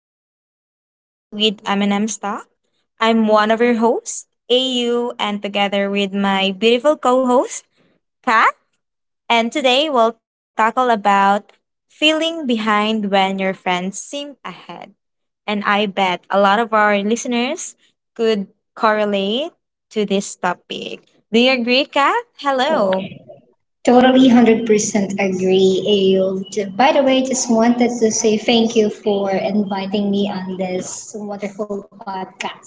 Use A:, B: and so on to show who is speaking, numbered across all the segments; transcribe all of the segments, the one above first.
A: of our podcast with M and M Stock. I'm one of your hosts, AU, and together with my beautiful co-host, Kat. And today we'll tackle about feeling behind when your friends seem ahead. And I bet a lot of our listeners could correlate to this topic. Do you agree, Kat? Hello.
B: Totally 100% agree, Ayub. By the way, just wanted to say thank you for inviting me on this wonderful podcast.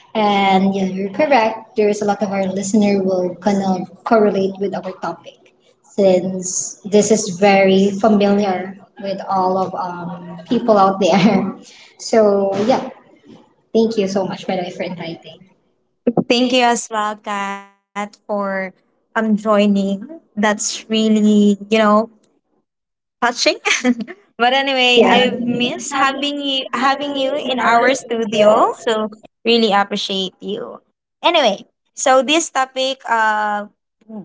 B: And yeah, you're correct, there's a lot of our listener will kind of correlate with our topic since this is very familiar with all of people out there. So yeah, thank you so much, by the way, for inviting.
A: Thank you as well, Kat, for joining. That's really, touching. But anyway,
B: Yeah.
A: I've missed having you in our studio. So really appreciate you. Anyway, so this topic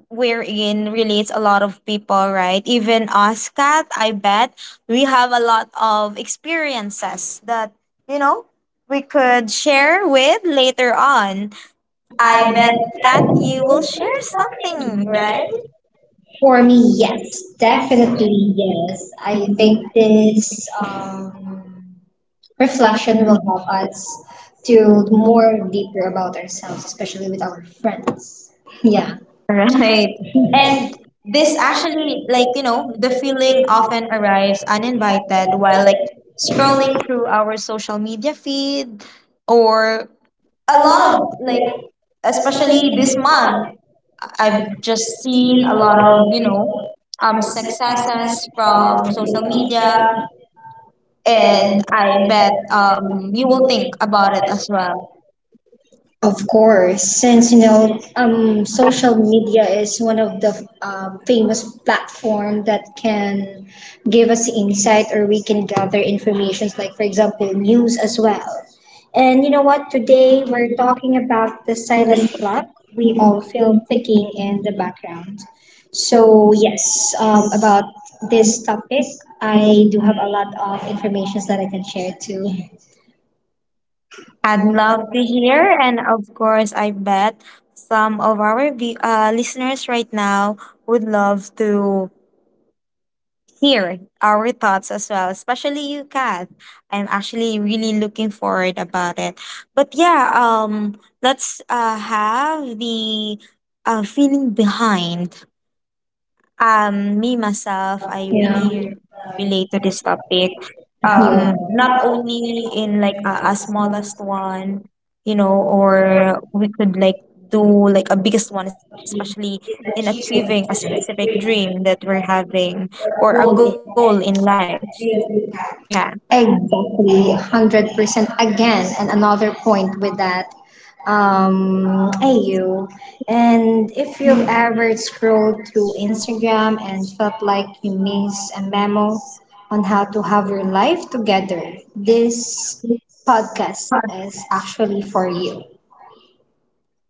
A: we're in relates a lot of people, right? Even us, Kat, I bet we have a lot of experiences that, you know, we could share with later on. I bet Kat, you will share something, right?
B: For me, yes, definitely yes. I think this reflection will help us to more deeper about ourselves, especially with our friends. Yeah.
A: Right. And this actually, like, you know, the feeling often arrives uninvited while, like, scrolling through our social media feed or a lot of, like, especially this month, I've just seen a lot of, successes from social media, and I bet you will think about it as well.
B: Of course, since you know, social media is one of the famous platform that can give us insight, or we can gather informations like, for example, news as well. And you know what? Today we're talking about the silent clock we all feel ticking in the background. So yes, about this topic, I do have a lot of informations that I can share too.
A: I'd love to hear, and of course, I bet some of our listeners right now would love to hear our thoughts as well, especially you, Kat. I'm actually really looking forward about it. But yeah, let's have the feeling behind. Me myself, I
B: Yeah.
A: really relate to this topic.
B: Yeah.
A: Not only in like a smallest one, you know, or we could like do like a biggest one, especially in achieving a specific dream that we're having or a goal in life. Dear recap.
B: Exactly, 100% again, and another point with that, AU. And if you've ever scrolled through Instagram and felt like you miss a memo on how to have your life together, this podcast is actually for you.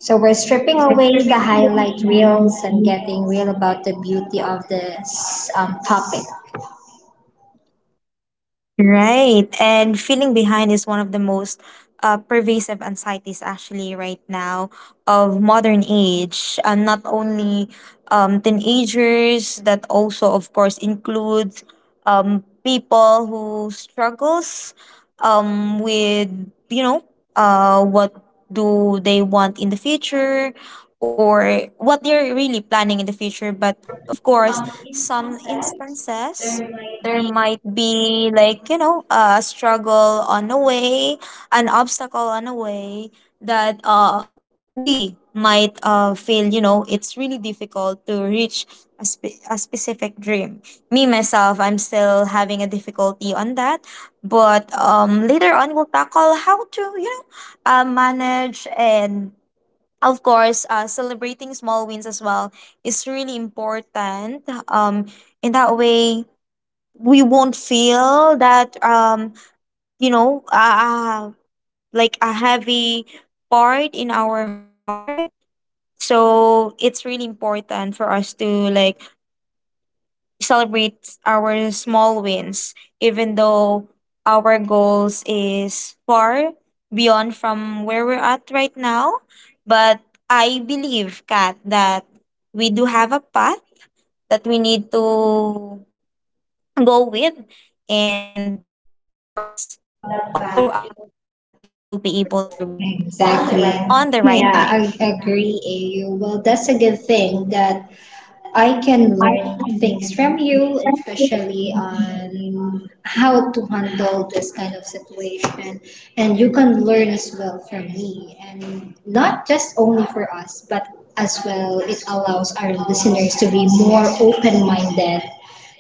B: So we're stripping away the highlight reels and getting real about the beauty of this topic.
A: Right. And feeling behind is one of the most pervasive anxieties actually right now of modern age. Not only teenagers, that also of course includes people who struggles with, you know, what do they want in the future or what they're really planning in the future. But of course, some instances there might be like, you know, a struggle on the way, an obstacle on the way, that we might feel, you know, it's really difficult to reach a specific dream. Me myself, I'm still having a difficulty on that, but later on we'll tackle how to, you know, manage. And of course, celebrating small wins as well is really important. um in that way we won't feel that, you know uh, like a heavy part in our heart. So it's really important for us to like celebrate our small wins, even though our goals is far beyond from where we're at right now. But I believe, Kat, that we do have a path that we need to go with, and of course, all throughout that path, you will be able to reach your goal
B: Exactly.
A: on the right
B: Yeah,
A: time.
B: I agree, AU. Well, that's a good thing that I can learn things from you, especially on how to handle this kind of situation. And you can learn as well from me. And not just only for us, but as well, it allows our listeners to be more open minded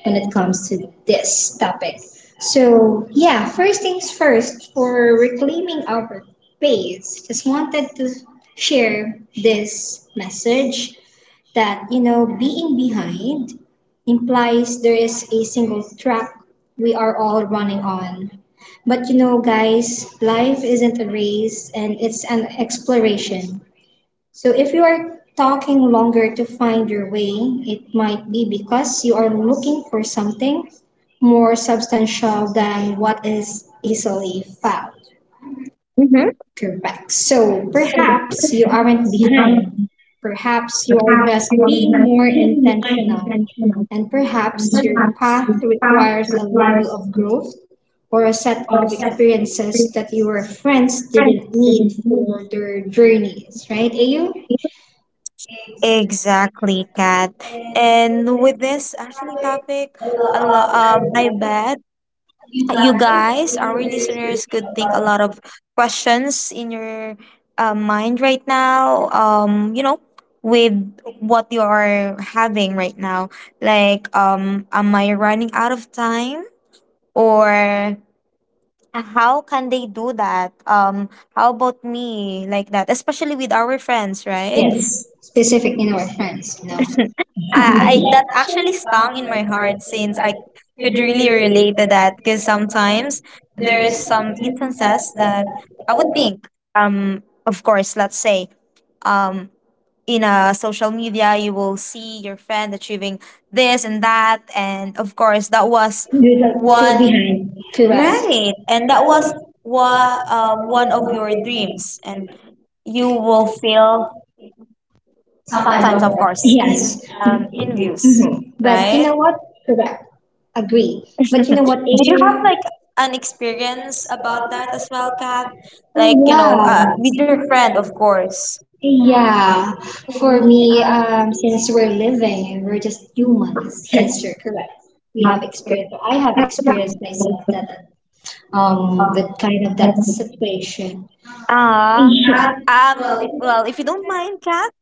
B: when it comes to this topic. So, yeah, first things first, for reclaiming our space, just wanted to share this message that you know being behind implies there is a single track we are all running on, but you know guys, life isn't a race and it's an exploration. So if you are talking longer to find your way, it might be because you are looking for something more substantial than what is easily found.
A: Mhm.
B: Correct. So perhaps you aren't behind. Perhaps you are just being more intentional. And perhaps your path requires a level of growth or a set of experiences that your friends didn't need for their journeys, right, Ayu?
A: Exactly, Kat. And with this actually topic, I bet you guys, our listeners, could think a lot of questions in your mind right now. You know, with what you are having right now, like, am I running out of time, or how can they do that? How about me, like that, especially with our friends, right?
B: Yes. Specific in our friends, you know.
A: I that actually stung in my heart, since I could really relate to that. Because sometimes there is some instances that I would think, of course, let's say, um in a social media you will see your friend achieving this and that, and of course that was
B: You don't feel
A: one,
B: behind. Correct.
A: right? And that was one of your dreams, and you will feel sometimes, of course,
B: Yes.
A: in views,
B: Hmm. But you
A: right?
B: know what? Correct. Agree. But you know what,
A: Do you have
B: Adrian?
A: like an experience about that as well, Kat? Like, you know,
B: Yeah,
A: with your friend, of course.
B: yeah. For me, since we're living and we're just humans, yes, you're correct. We have experience. I have experienced myself that, with kind of that situation.
A: Ah.
B: Yeah,
A: Well, if you don't mind, Kat,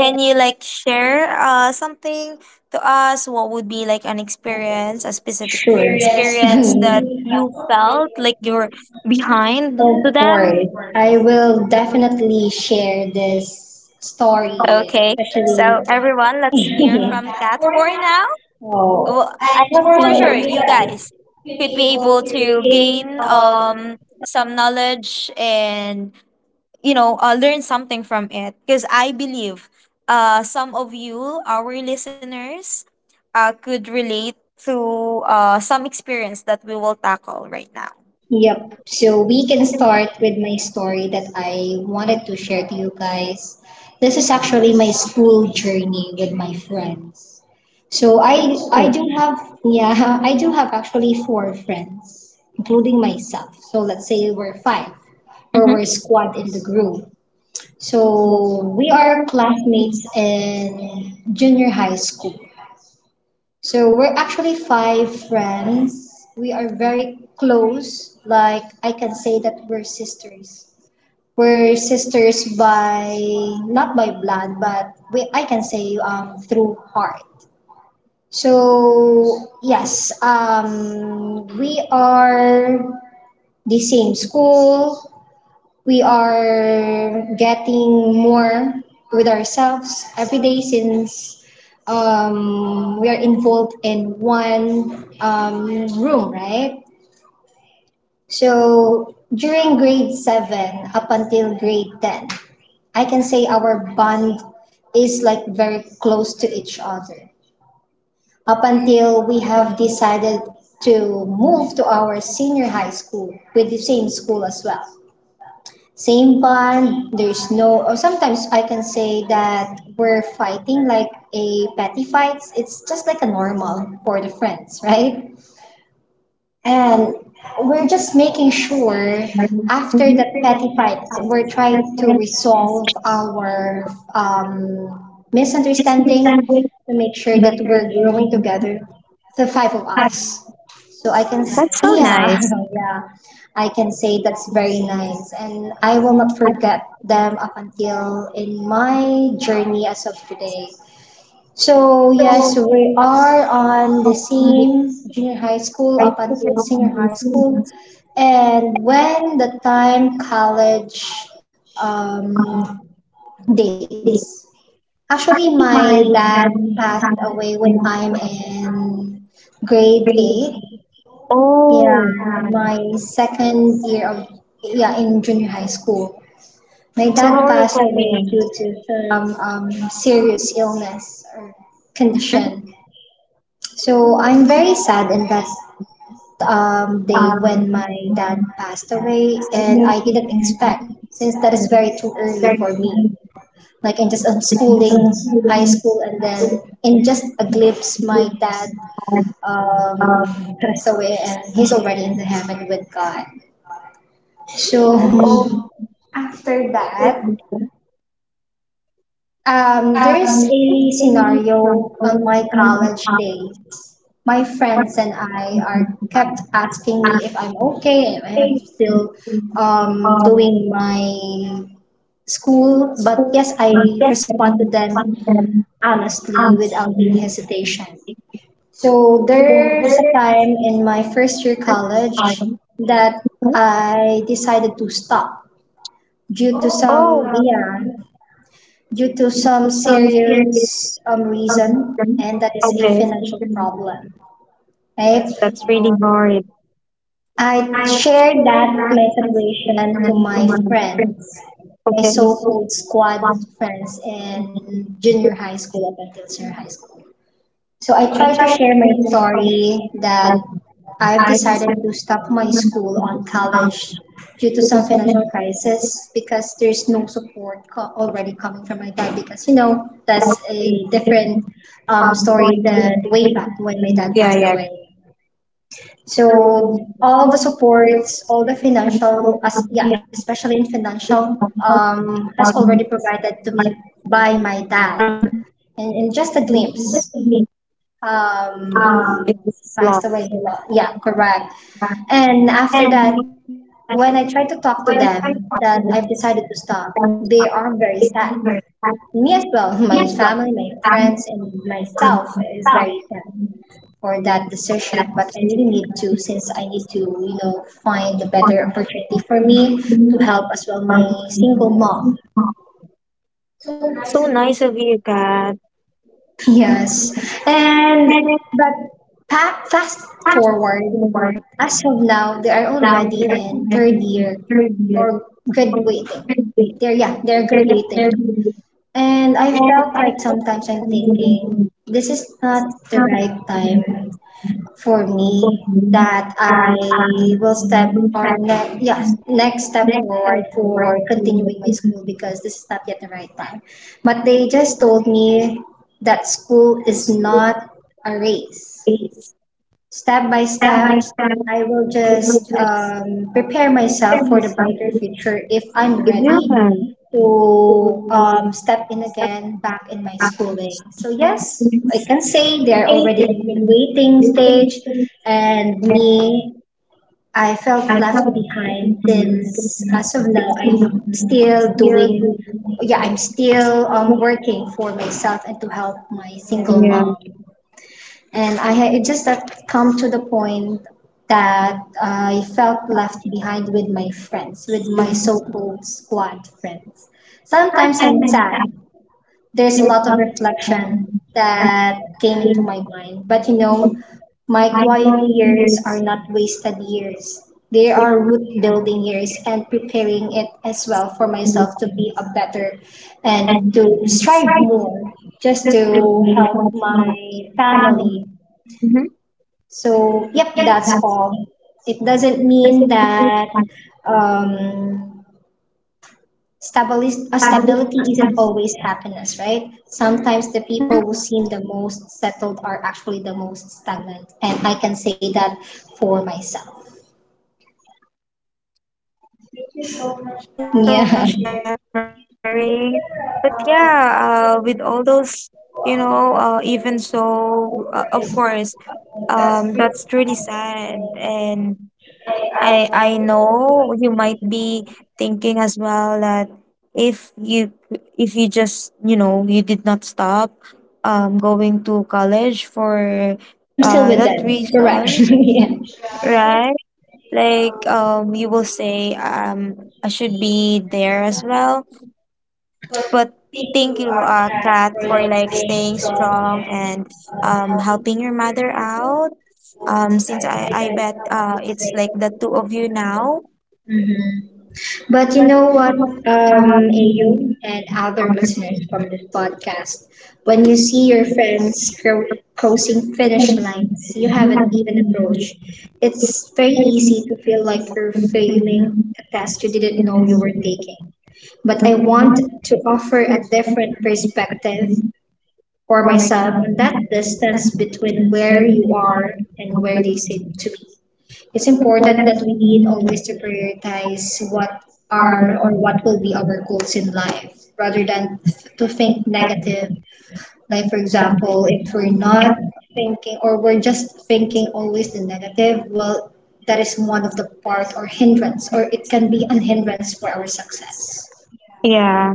A: can you like share something to us? What would be like an experience, a specific
B: sure.
A: experience that you felt like you're behind
B: Of
A: to
B: course,
A: them?
B: I will definitely share this story,
A: Okay,
B: especially.
A: so everyone, let's hear from Kat for now.
B: Oh.
A: Well, I, for sure, you guys could be able to gain some knowledge and, you know, learn something from it, because I believe some of you, our listeners, could relate to some experience that we will tackle right now.
B: Yep. So we can start with my story that I wanted to share to you guys. This is actually my school journey with my friends. So I
A: Oh.
B: do have, yeah, I do have actually four friends, including myself. So let's say we're five or we're
A: Mhm.
B: squad in the group. So we are classmates in junior high school. So we're actually five friends. We are very close. Like I can say that we're sisters. We're sisters by not by blood, but we I can say through heart. So yes, we are the same school, we are getting more with ourselves every day since we are involved in one room, right? So during grade 7 up until grade 10, I can say our bond is like very close to each other. Up until we have decided to move to our senior high school with the same school as well, same bond. There's no, or sometimes I can say that we're fighting like a petty fights. It's just like a normal for the friends, right? And we're just making sure after that
A: Mhm.
B: petty fights, we're trying to resolve our misunderstanding to make sure that we're growing together, the five of us. So I can,
A: That's so nice.
B: yeah, yeah, I can say that's very nice. And I will not forget them up until in my journey as of today. So yes, we are on the same junior high school up until senior high school, and when the time college um, days. Actually,
A: Actually,
B: my
A: my
B: dad
A: dad
B: passed
A: started
B: away when I'm
A: with
B: in grade
A: grade
B: eight.
A: eight,
B: Yeah,
A: oh,
B: in
A: and
B: my second year of yeah in junior high school. My
A: so
B: dad
A: how are
B: passed
A: you
B: away
A: coping?
B: due to some serious illness or condition. So I'm very sad in that
A: Mhm. um,
B: day when my dad passed away, and
A: swimming
B: I didn't
A: and
B: expect, since that is very too
A: very
B: early for me. Like in just
A: technical
B: unschooling, high
A: schooling.
B: school, and then in just a glimpse, my dad
A: Had
B: um,
A: uh,
B: passed away, and he's already in the heaven with God.
A: oh,
B: So after that,
A: certificates. Um,
B: there's
A: it's
B: a
A: been like
B: scenario on my college days. My friends and I are kept asking
A: um,
B: me if I'm okay, if I'm still
A: um,
B: doing my school. But
A: So,
B: yes, I
A: my
B: respond
A: yesterday,
B: to
A: one
B: them
A: of them
B: honestly
A: asked
B: without any
A: me
B: hesitation. So
A: to go
B: there's a
A: there
B: time in my first year
A: at the
B: college
A: time.
B: that I decided to stop due to
A: Oh,
B: some
A: um,
B: yeah due to
A: it
B: some
A: was some serious
B: serious
A: them.
B: reason, and that is a
A: Okay.
B: financial problem, right?
A: That's really hard.
B: I
A: I shared
B: shared that my
A: that
B: situation
A: question
B: to my
A: and to my
B: friends,
A: friend.
B: my
A: Okay. And
B: so-called
A: so
B: squad
A: one
B: friends
A: thing,
B: in junior high school up until senior high school. So I tried
A: so
B: to
A: I
B: share
A: tried to
B: my
A: hear my
B: story
A: thoughts.
B: that
A: But
B: I've
A: I
B: decided to stop
A: decided
B: my
A: not
B: school on
A: to
B: college
A: have
B: due to some
A: to do
B: financial
A: something.
B: crisis because there's no support already coming from my dad because you know that's a different
A: That's
B: story
A: from
B: that way
A: London.
B: back when my dad passed away.
A: Yeah, yeah.
B: So
A: So
B: all the
A: how about
B: supports, all
A: to
B: the financial, as yeah, especially in financial, has already provided to me by my dad, and in just a
A: just to
B: glimpse,
A: make
B: um,
A: it is
B: passed
A: lost.
B: away. Yeah, correct. And after
A: And
B: that,
A: make that
B: when I try to
A: when
B: talk
A: it's
B: to
A: like
B: them
A: possible,
B: that I've
A: that
B: decided to
A: it's like
B: stop, they are very
A: it
B: sad.
A: never that.
B: Me as well,
A: Yes,
B: my
A: well,
B: family, my
A: some
B: friends, and
A: some
B: myself is
A: stuff,
B: very sad for that
A: that
B: decision, but I
A: she
B: really need to since I need to, you know, find a better
A: or,
B: opportunity for me to help as well my single mom.
A: so nice of you, Kat.
B: Yes.
A: Yes.
B: And
A: And it
B: but fast
A: has
B: forward,
A: to be
B: as of now they are
A: now there
B: already in third year
A: years,
B: or graduating, they're yeah they're graduating, and I
A: and
B: felt
A: I
B: like
A: hope
B: sometimes I'm
A: I'm giving you
B: thinking this is not the
A: some
B: right time for me,
A: for me
B: that I
A: that
B: will step
A: will
B: on
A: set
B: yes, next step
A: next step
B: forward
A: in the
B: for
A: right
B: continuing my
A: direction.
B: school because this is not yet the right time. But they just told me that school
A: Let's
B: is
A: do
B: not a race.
A: a
B: Step by
A: step
B: step,
A: by step
B: I will just
A: diligence
B: prepare myself for
A: and
B: the brighter
A: something.
B: future if I'm
A: Yeah.
B: ready
A: So
B: to
A: so
B: step in
A: such
B: again back in my schooling.
A: actions.
B: So, yes, I
A: Please
B: can say they're
A: take
B: already
A: care of
B: in the
A: you.
B: waiting
A: Do
B: stage,
A: things that
B: and me, I
A: I
B: felt left
A: have to
B: behind
A: do. So
B: since
A: please,
B: as of now,
A: so now
B: I'm still
A: here
B: doing,
A: do
B: yeah, I'm
A: it.
B: still working for myself and to help my single
A: Yeah.
B: mom. And I had it just that come to the point that I felt left behind with my friends, with my
A: So
B: so-called squad friends. Sometimes
A: sometimes
B: I'm sad.
A: I'm
B: There's a
A: active
B: lot of
A: love
B: reflection
A: that
B: that came into
A: being
B: my mind. But you know, my
A: my
B: quiet
A: life
B: years
A: there's
B: are not wasted years. They are root
A: different
B: building years and preparing it as well for myself to be a better and
A: and
B: to strive
A: inside
B: more just
A: the film
B: to
A: we
B: help
A: have
B: my
A: my family.
B: family.
A: Mm-hmm.
B: So,
A: So
B: yep,
A: yeah,
B: that's
A: that's
B: all. It doesn't mean
A: basically my
B: that um,
A: family.
B: stability isn't always happiness, right? Sometimes the
A: Mhm.
B: people who seem the most settled are actually the most stagnant, and I can say that for myself.
A: Oh, thank you so much,
B: Yeah,
A: Kat, for sharing. But yeah, with all those, you know, even so, of course, that's really sad. And I know you might be thinking as well that if you, if you just, you know, you did not stop going to college for
B: I'm still with
A: that
B: them. You're right.
A: reason,
B: Yeah.
A: right? Like, you will say, I should be there as well. But thank you, Kat, for like staying strong and helping your mother out. Since I bet it's like the two of you now.
B: But you know what, AU and other listeners from this podcast, when you see your friends crossing
A: But
B: finish lines you haven't even
A: um,
B: approached, it's very easy to feel like you're failing a test you didn't know you were taking. But I want to offer a different perspective for
A: for
B: myself on that
A: myself and have the
B: distance
A: sense
B: between
A: of
B: where you
A: very
B: are
A: belong
B: and where they
A: or
B: seem
A: great.
B: to be. It's important that
A: For
B: we
A: that is
B: need
A: the
B: always
A: meaning
B: to
A: of
B: prioritize what are
A: our
B: or what will be
A: love.
B: our goals in life rather than to think
A: Thank God
B: negative.
A: for
B: Like, for
A: you,
B: example,
A: God,
B: if we're
A: and
B: not
A: you.
B: thinking or we're just thinking always the negative, well, that is one of the part or hindrance, or it can be an hindrance for our success.
A: Yeah,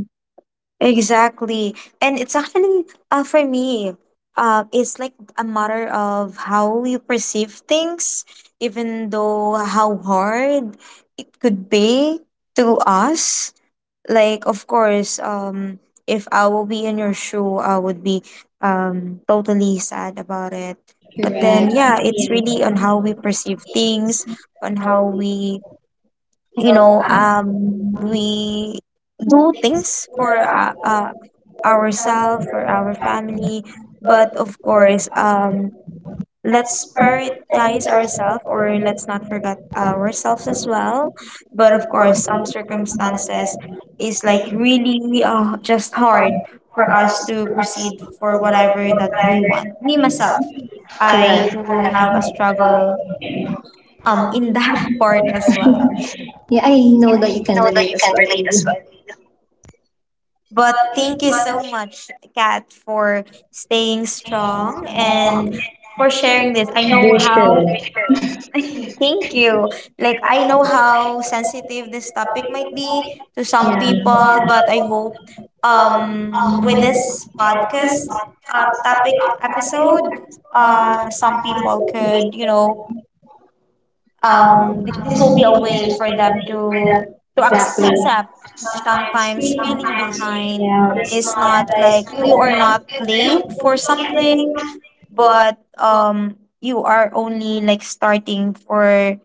A: exactly. And it's actually for me, it's like a matter of how you perceive things, even though how hard it could be to us. Like of course, if I will be in your shoe, I would be totally sad about it. But then
B: Correct.
A: yeah, it's really on how we perceive things, on how we, you know, we do things for ourselves, for our family. But of course, let's prioritize ourselves or let's not forget ourselves as well. But of course, some circumstances is like really just hard for us to proceed for whatever that we want. Me myself, I do have a struggle in that part as well.
B: Yeah, I know that you can relate as well.
A: But thank you so much, Kat, for staying strong and for sharing this. I know how
B: Yeah.
A: thank you. Like, I know how sensitive this topic might be to some
B: Exactly.
A: people, but I
B: Yeah.
A: hope um with this podcast topic episode, some people could, you know, this will be a way for them to accept sometimes feeling behind is not like you are not late for something, but you are only like starting for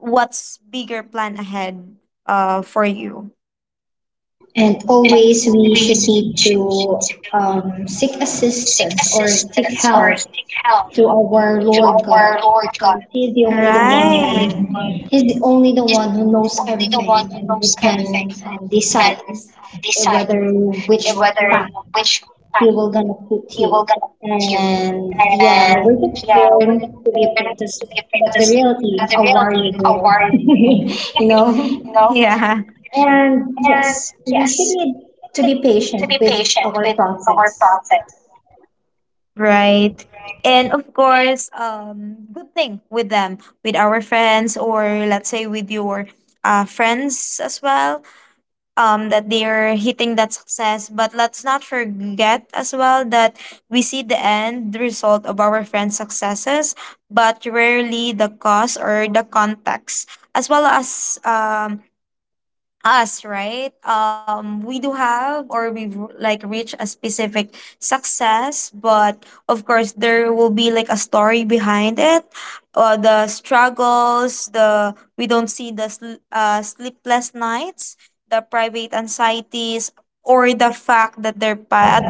A: what's bigger plan ahead for you?
B: And
A: And
B: always we should
A: always we
B: need to
A: should need to
B: seek
A: seek
B: assistance or seek
A: assistance or
B: help
A: seek help
B: to our
A: to
B: Lord God
A: our Lord God.
B: because He's the
A: He's the
B: only the
A: right
B: one
A: one.
B: He's the only the
A: He's the
B: one who
A: only
B: knows
A: the one who
B: everything
A: knows
B: and who
A: everything and
B: can
A: can
B: decide
A: decide
B: eh, whether which
A: whether
B: path
A: which path
B: he will gonna
A: we
B: put
A: were
B: you.
A: gonna put you.
B: And yeah,
A: And
B: we're just
A: yeah, we
B: born to be
A: we're
B: a
A: there to
B: princess,
A: be
B: but the
A: apprentice
B: reality,
A: as a
B: a
A: real
B: warrior
A: deal, a
B: girl,
A: warrior,
B: you know.
A: you know? Yeah. And
B: And yes, we should
A: yes,
B: need to be
A: to
B: patient
A: be
B: with
A: patient
B: our
A: with our
B: process.
A: process. Right. And of course, good thing with them, with our friends, or let's say with your friends as well, that they're hitting that success. But let's not forget as well that we see the end result of our friends successes, but rarely the cause or the context, as well as us, right? We do have or we've like reached a specific success, but of course there will be like a story behind it, the struggles, the, we don't see the sleepless nights, the private anxieties, or the fact that their path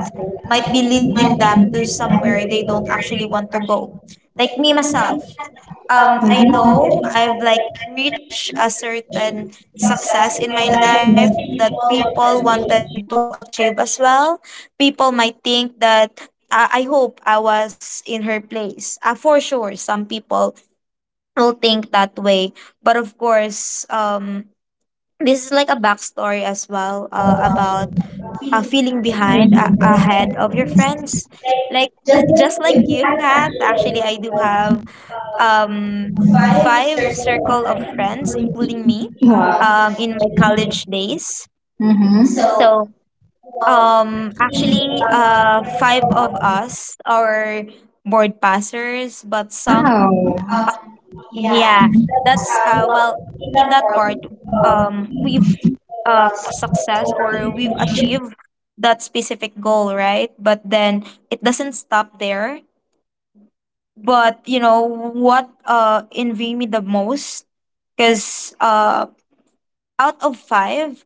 A: might be leading them to somewhere they don't actually want to go. Like me myself, I know I've like reached a certain success in my life that people wanted to achieve as well. People might think that, I hope I was in her place. For sure, some people will think that way, but of course, this is like a backstory as well about feeling behind ahead of your friends, like. Just like you, Kat, actually, I do have um five circle of friends including me
B: Wow.
A: in my college days
B: Mm-hmm.
A: so actually five of us are board passers but some
B: Wow.
A: yeah, that's, in that part we've success or we've achieved that specific goal, right? But then it doesn't stop there. But you know what envy me the most, because out of five,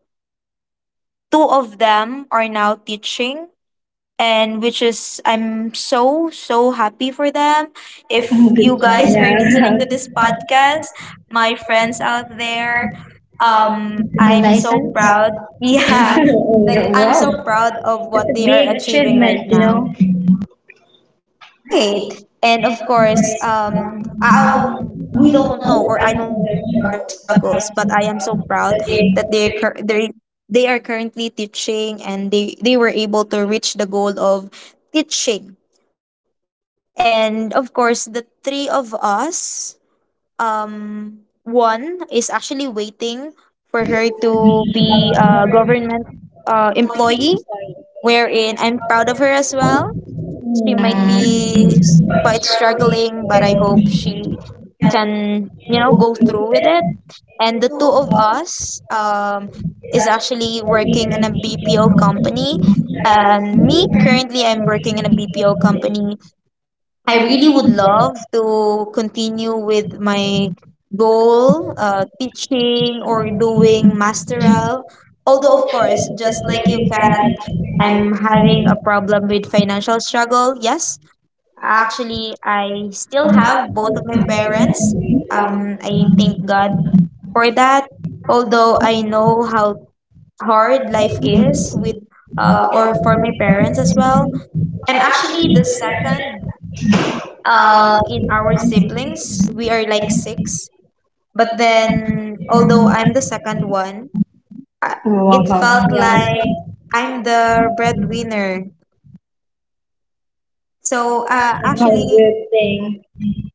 A: two of them are now teaching, and which is I'm so so happy for them. If you guys are listening to this podcast, my friends out there, I'm so
B: License.
A: proud yeah, like
B: Oh,
A: I'm so
B: am.
A: proud of what
B: It's a the
A: they are
B: big
A: achieving right
B: achievement, you
A: now.
B: know.
A: Right. And of course, we don't know, or I don't know their struggles, but I am so proud that they are currently teaching and they were able to reach the goal of teaching. And of course, the three of us, one is actually waiting for her to be a government employee, wherein I'm proud of her as well. She might be quite struggling, but I hope she can, you know, go through with it. And the two of us is actually working in a BPO company. And me, currently, I'm working in a BPO company. I really would love to continue with my goal, teaching or doing masteral. Although, of course, just like you, Kat, I'm having a problem with financial struggle. Yes, actually, I still have both of my parents. I thank God for that. Although I know how hard life is with or for my parents as well. I'm actually the second in our siblings. We are like six. But then although I'm the second one, uh,
B: Oh, I
A: it felt
B: wow.
A: like I'm the breadwinner. So
B: How
A: actually,
B: good thing.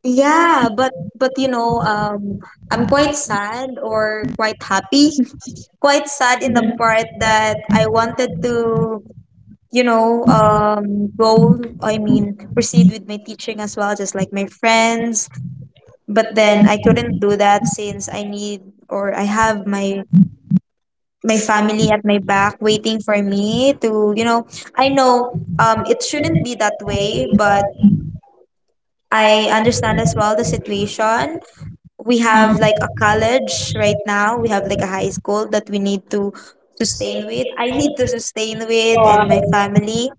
A: yeah, but you know, I'm quite sad or quite happy. Quite sad in the part that I wanted to, go. I mean, proceed with my teaching as well, just like my friends. But then I couldn't do that since I need or I have my family at my back waiting for me to, you know, I know, it shouldn't be that way, but I understand as well the situation. We have like a college right now. We have like a high school that we need to sustain with. I need to sustain with and my family.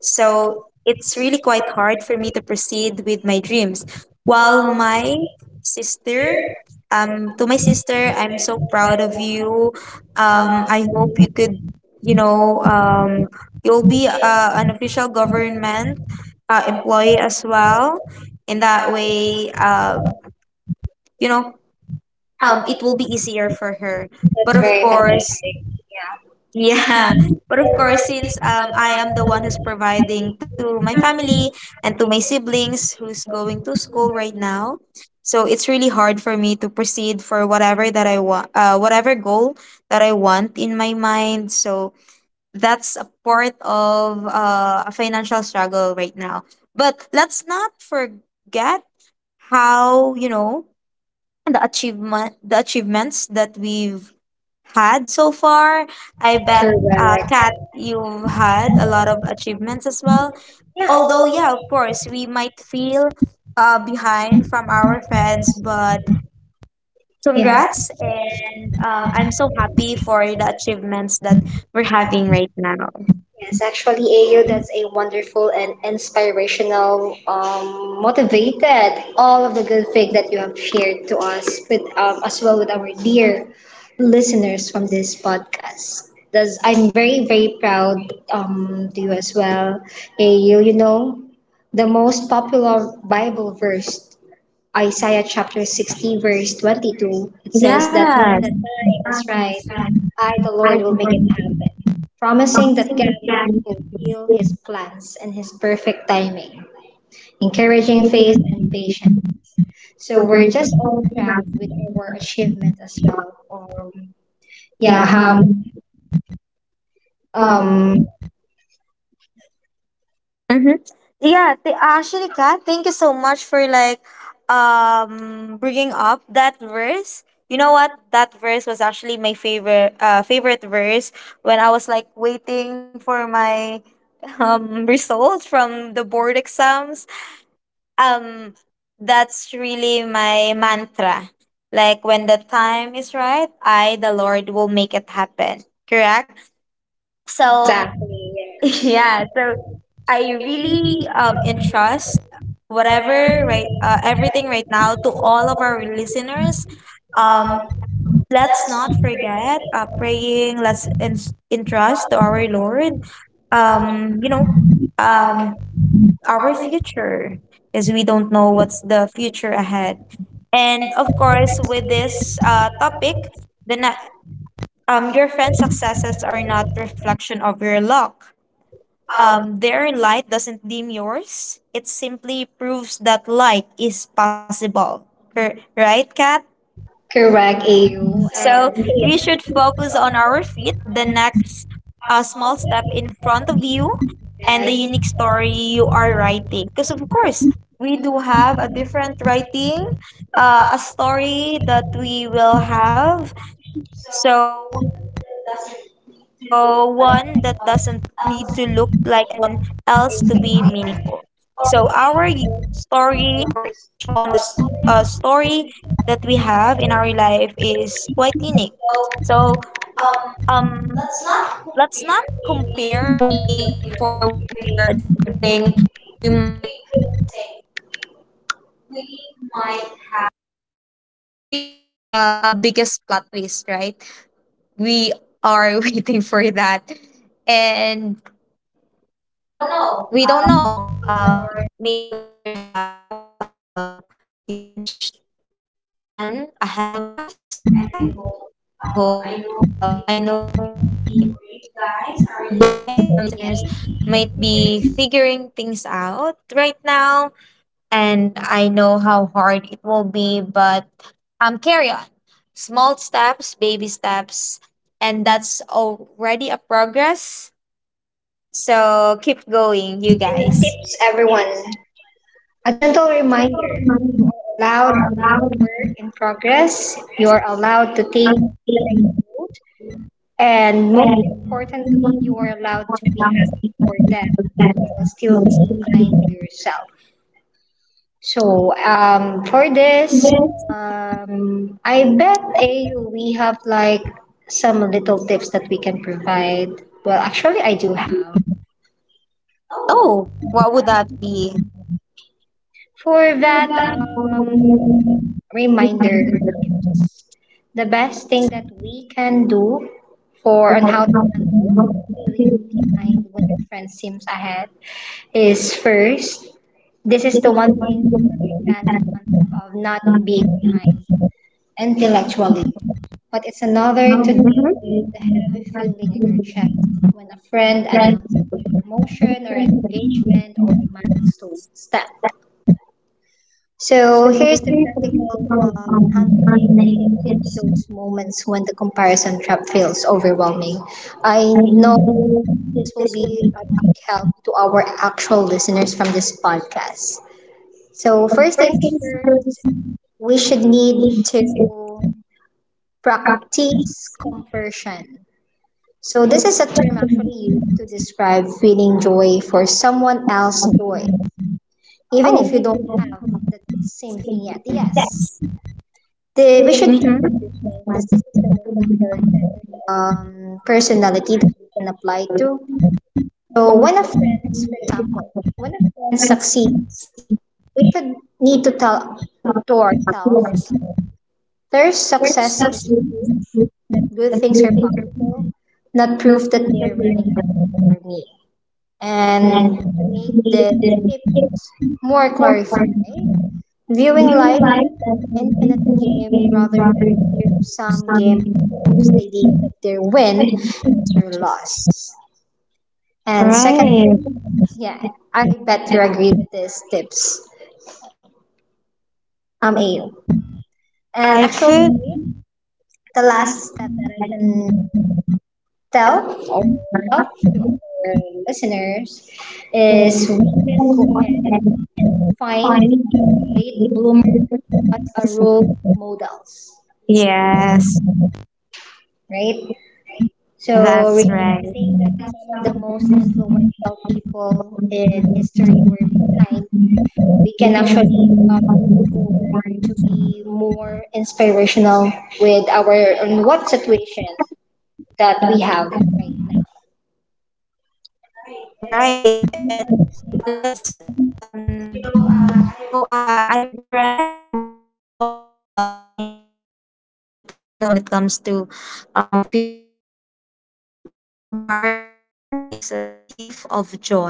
A: So it's really quite hard for me to proceed with my dreams. While my sister, to my sister, I'm so proud of you. I hope you could, you know, um, you'll be an official government employee as well. In that way, you know, it will be easier for her, but of course, yeah, but of course, since I am the one who's providing to my family and to my siblings who's going to school right now, so it's really hard for me to proceed for whatever that I want, whatever goal that I want in my mind. So that's a part of a financial struggle right now. But let's not forget how, you know, the achievements that we've had so far. I bet, Kat, you've had a lot of achievements as well. Although, yeah, of course, we might feel behind from our friends, but congrats. And I'm so happy for the achievements that we're having right now.
B: Yes, actually, AU, that's a wonderful and inspirational, motivated, all of the good thing that you have shared to us with, as well with our dear listeners from this podcast. Thus, I'm very, very proud to you as well, AU. You know, the most popular Bible verse Isaiah chapter 60, verse 22, it says that when
A: Yes.
B: the time is right, I, the Lord, will make it happen, promising that God will fulfill his plans and his perfect timing, encouraging faith and patience. So we're just all proud with our achievement as well. Yeah, um, um
A: Mm-hmm. Yeah, The actually, Kat, thank you so much for like bringing up that verse. You know what? That verse was actually my favorite verse when I was like waiting for my results from the board exams. Um, that's really my mantra. Like when the time is right, I, the Lord, will make it happen. Correct. So
B: exactly, yes.
A: yeah, so I really entrust whatever right everything right now to all of our listeners. Um, let's not forget praying. Entrust to our Lord. Um, you know, um, our future, because we don't know what's the future ahead. And of course, with this topic, the na- your friend's successes are not reflection of your luck, their light doesn't dim yours. It simply proves that light is possible. Right, Kat?
B: Correct, AU. So-
A: So
B: And
A: we should
B: yes.
A: focus on our feet, the next small step in front of you, and the unique story you are writing. Because, of course, we do have a different writing, a story that we will have, so one that doesn't need to look like anyone else to be meaningful. So, story or each one of this story that we have in our life is quite unique. So, um, let's not compare really for what they are achieving. We might, we couldn't say. We might have a biggest plot twist, right? We are waiting for that, and we don't know, may the Lord have a huge plan ahead of us, Kat. And I hope, I know it might, you might be, or you guys, our listeners, might be figuring things out right now, and I know how hard it will be, but carry on. Small steps, baby steps, and that's already a progress. So keep going, you guys.
B: tips, everyone. A gentle reminder, you are allowed to be a work in progress, you are allowed to take note, and most importantly, you are allowed to be happy for them while still being kind to yourself. So, for this, I bet AU, we have like some little tips that we can provide. Well, actually, I do have.
A: Oh, what would that be?
B: For that um, reminder or tips, the best thing that we can do for on how to handle feeling behind when your friend seems ahead is first, this is
A: It
B: the
A: is
B: one
A: the
B: thing
A: one
B: to
A: who is
B: understand the
A: and
B: concept of not
A: not
B: being
A: be.
B: behind intellectually, but it's another
A: Now
B: to deal with
A: when,
B: the heavy feeling in your
A: mm-hmm,
B: chest when a friend announces a promotion or an engagement or a milestone step.
A: so
B: So here's the
A: here's what we
B: practical
A: propose on
B: handling
A: non
B: in
A: tips.
B: those moments when the comparison trap feels overwhelming. I
A: I mean,
B: know this will
A: this
B: be
A: will be
B: a big help to our actual listeners from this podcast. So
A: the
B: first
A: first
B: things
A: thing
B: first,
A: service
B: we should need
A: needs
B: to
A: is
B: practice
A: properties.
B: compersion. So
A: So
B: this is
A: this
B: a
A: is the
B: term actually used to describe feeling joy for someone else's joy,
A: something.
B: even
A: Oh.
B: if you
A: Even if they
B: don't
A: won't
B: have
A: come up to
B: the same
A: stage
B: thing yet.
A: with their
B: Yes,
A: best,
B: they, we should
A: they,
B: definitely change the system
A: mm-hmm,
B: compared to personality that we can apply to.
A: should,
B: So
A: right.
B: when a friend, for example, when a friend succeeds, we should need to tell to ourselves their success is proof that good things are possible, not proof that they are running out for me. And to make the tips more clarified, viewing life as an infinite game rather than a zero-sum game becomes a deal with their win is your loss. And secondly, yeah, I bet you agree with these tips. Ayo. And
A: I could,
B: actually, the last step that I can tell or tell to our listeners is we can go ahead and find late bloomer as a role models,
A: yes.
B: right? So
A: That's right.
B: realizing that
A: Right.
B: some of the most influential people in history were blind, we can actually look forward to be more inspirational with our on what situation that we have right now.
A: And let's you know, I've read the one of a line that really catches my attention as well when it comes to feeling behind. Comparison is a thief of joy,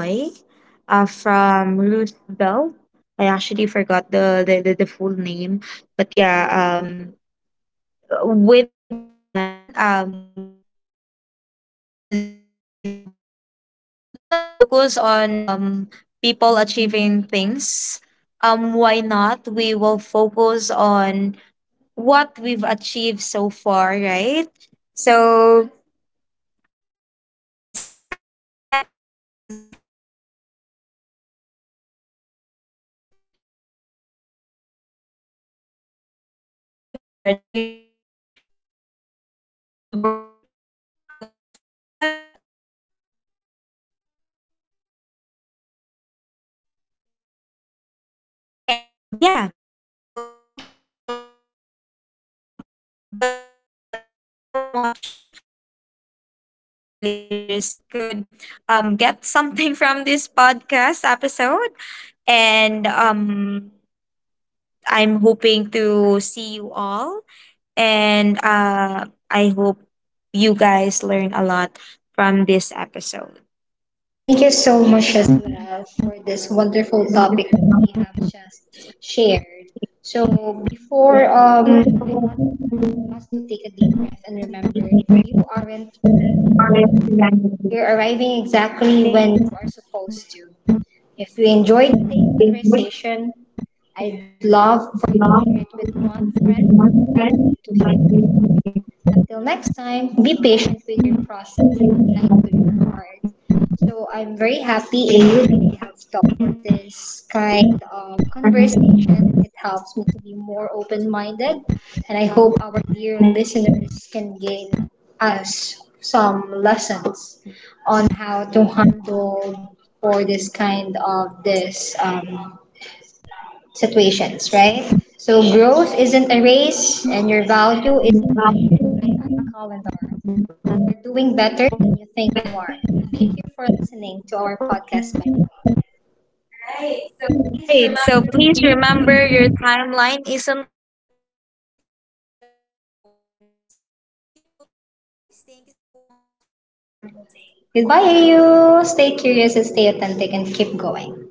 A: from Ruth Bell. I actually forgot the full name. But yeah, with that line, comparison is a really thief of joy. So let's not focus on people achieving things. Why not? We will focus on what we've achieved so far, right? So, of course, once again, let's not forget to celebrate small wins. And of course, for whatever that they are achieving, they've had work a lot for that. And yeah, so thank you so much. But yeah, Kat, thank you so much. I hope a lot of our listeners could get something from this podcast episode. And I'm hoping to see you all, and I hope you guys learn a lot from this episode.
B: Thank you so much
A: Thank
B: as
A: you
B: well for this wonderful topic that
A: so
B: we have just shared. So before I want us to take a deep
A: much.
B: breath and remember you aren't
A: Foreign
B: alone.
A: languages.
B: You're arriving
A: There are
B: exactly
A: many
B: when you are
A: exceptions which
B: supposed to. If you enjoyed today's
A: give with
B: conversation, I'd love for you to
A: law
B: share it with one friend
A: with
B: who
A: one
B: might
A: friend
B: need to
A: migrating
B: hear.
A: is
B: Until next time, be
A: which
B: patient
A: time
B: with
A: the
B: your process
A: presentation
B: and
A: of
B: kind with
A: the
B: your heart.
A: time are.
B: So I'm very
A: So
B: happy, A,
A: I'm very
B: that we
A: happy
B: have
A: in
B: talked
A: this
B: for this kind
A: person,
B: of
A: and I have a
B: conversation. It
A: conversation
B: helps me to
A: in the
B: be more
A: process, and
B: open-minded,
A: I
B: and I hope our dear
A: thankful for the good
B: listeners can gain
A: relations
B: us some
A: of
B: lessons
A: life.
B: on how to handle for this kind of this situations, right? So growth isn't
A: The
B: a
A: growth in
B: race,
A: the
B: and
A: area,
B: your
A: is
B: value
A: the
B: isn't measured
A: value
B: by
A: is not
B: a calendar.
A: by control.
B: You're doing better
A: So we're
B: than you
A: doing
B: think you
A: better
B: are.
A: than the
B: Thank you for listening to our podcast,
A: people.
B: by the
A: Right.
B: way.
A: So please remember your timeline isn't
B: Goodbye, AU. Stay curious and stay authentic, and keep going.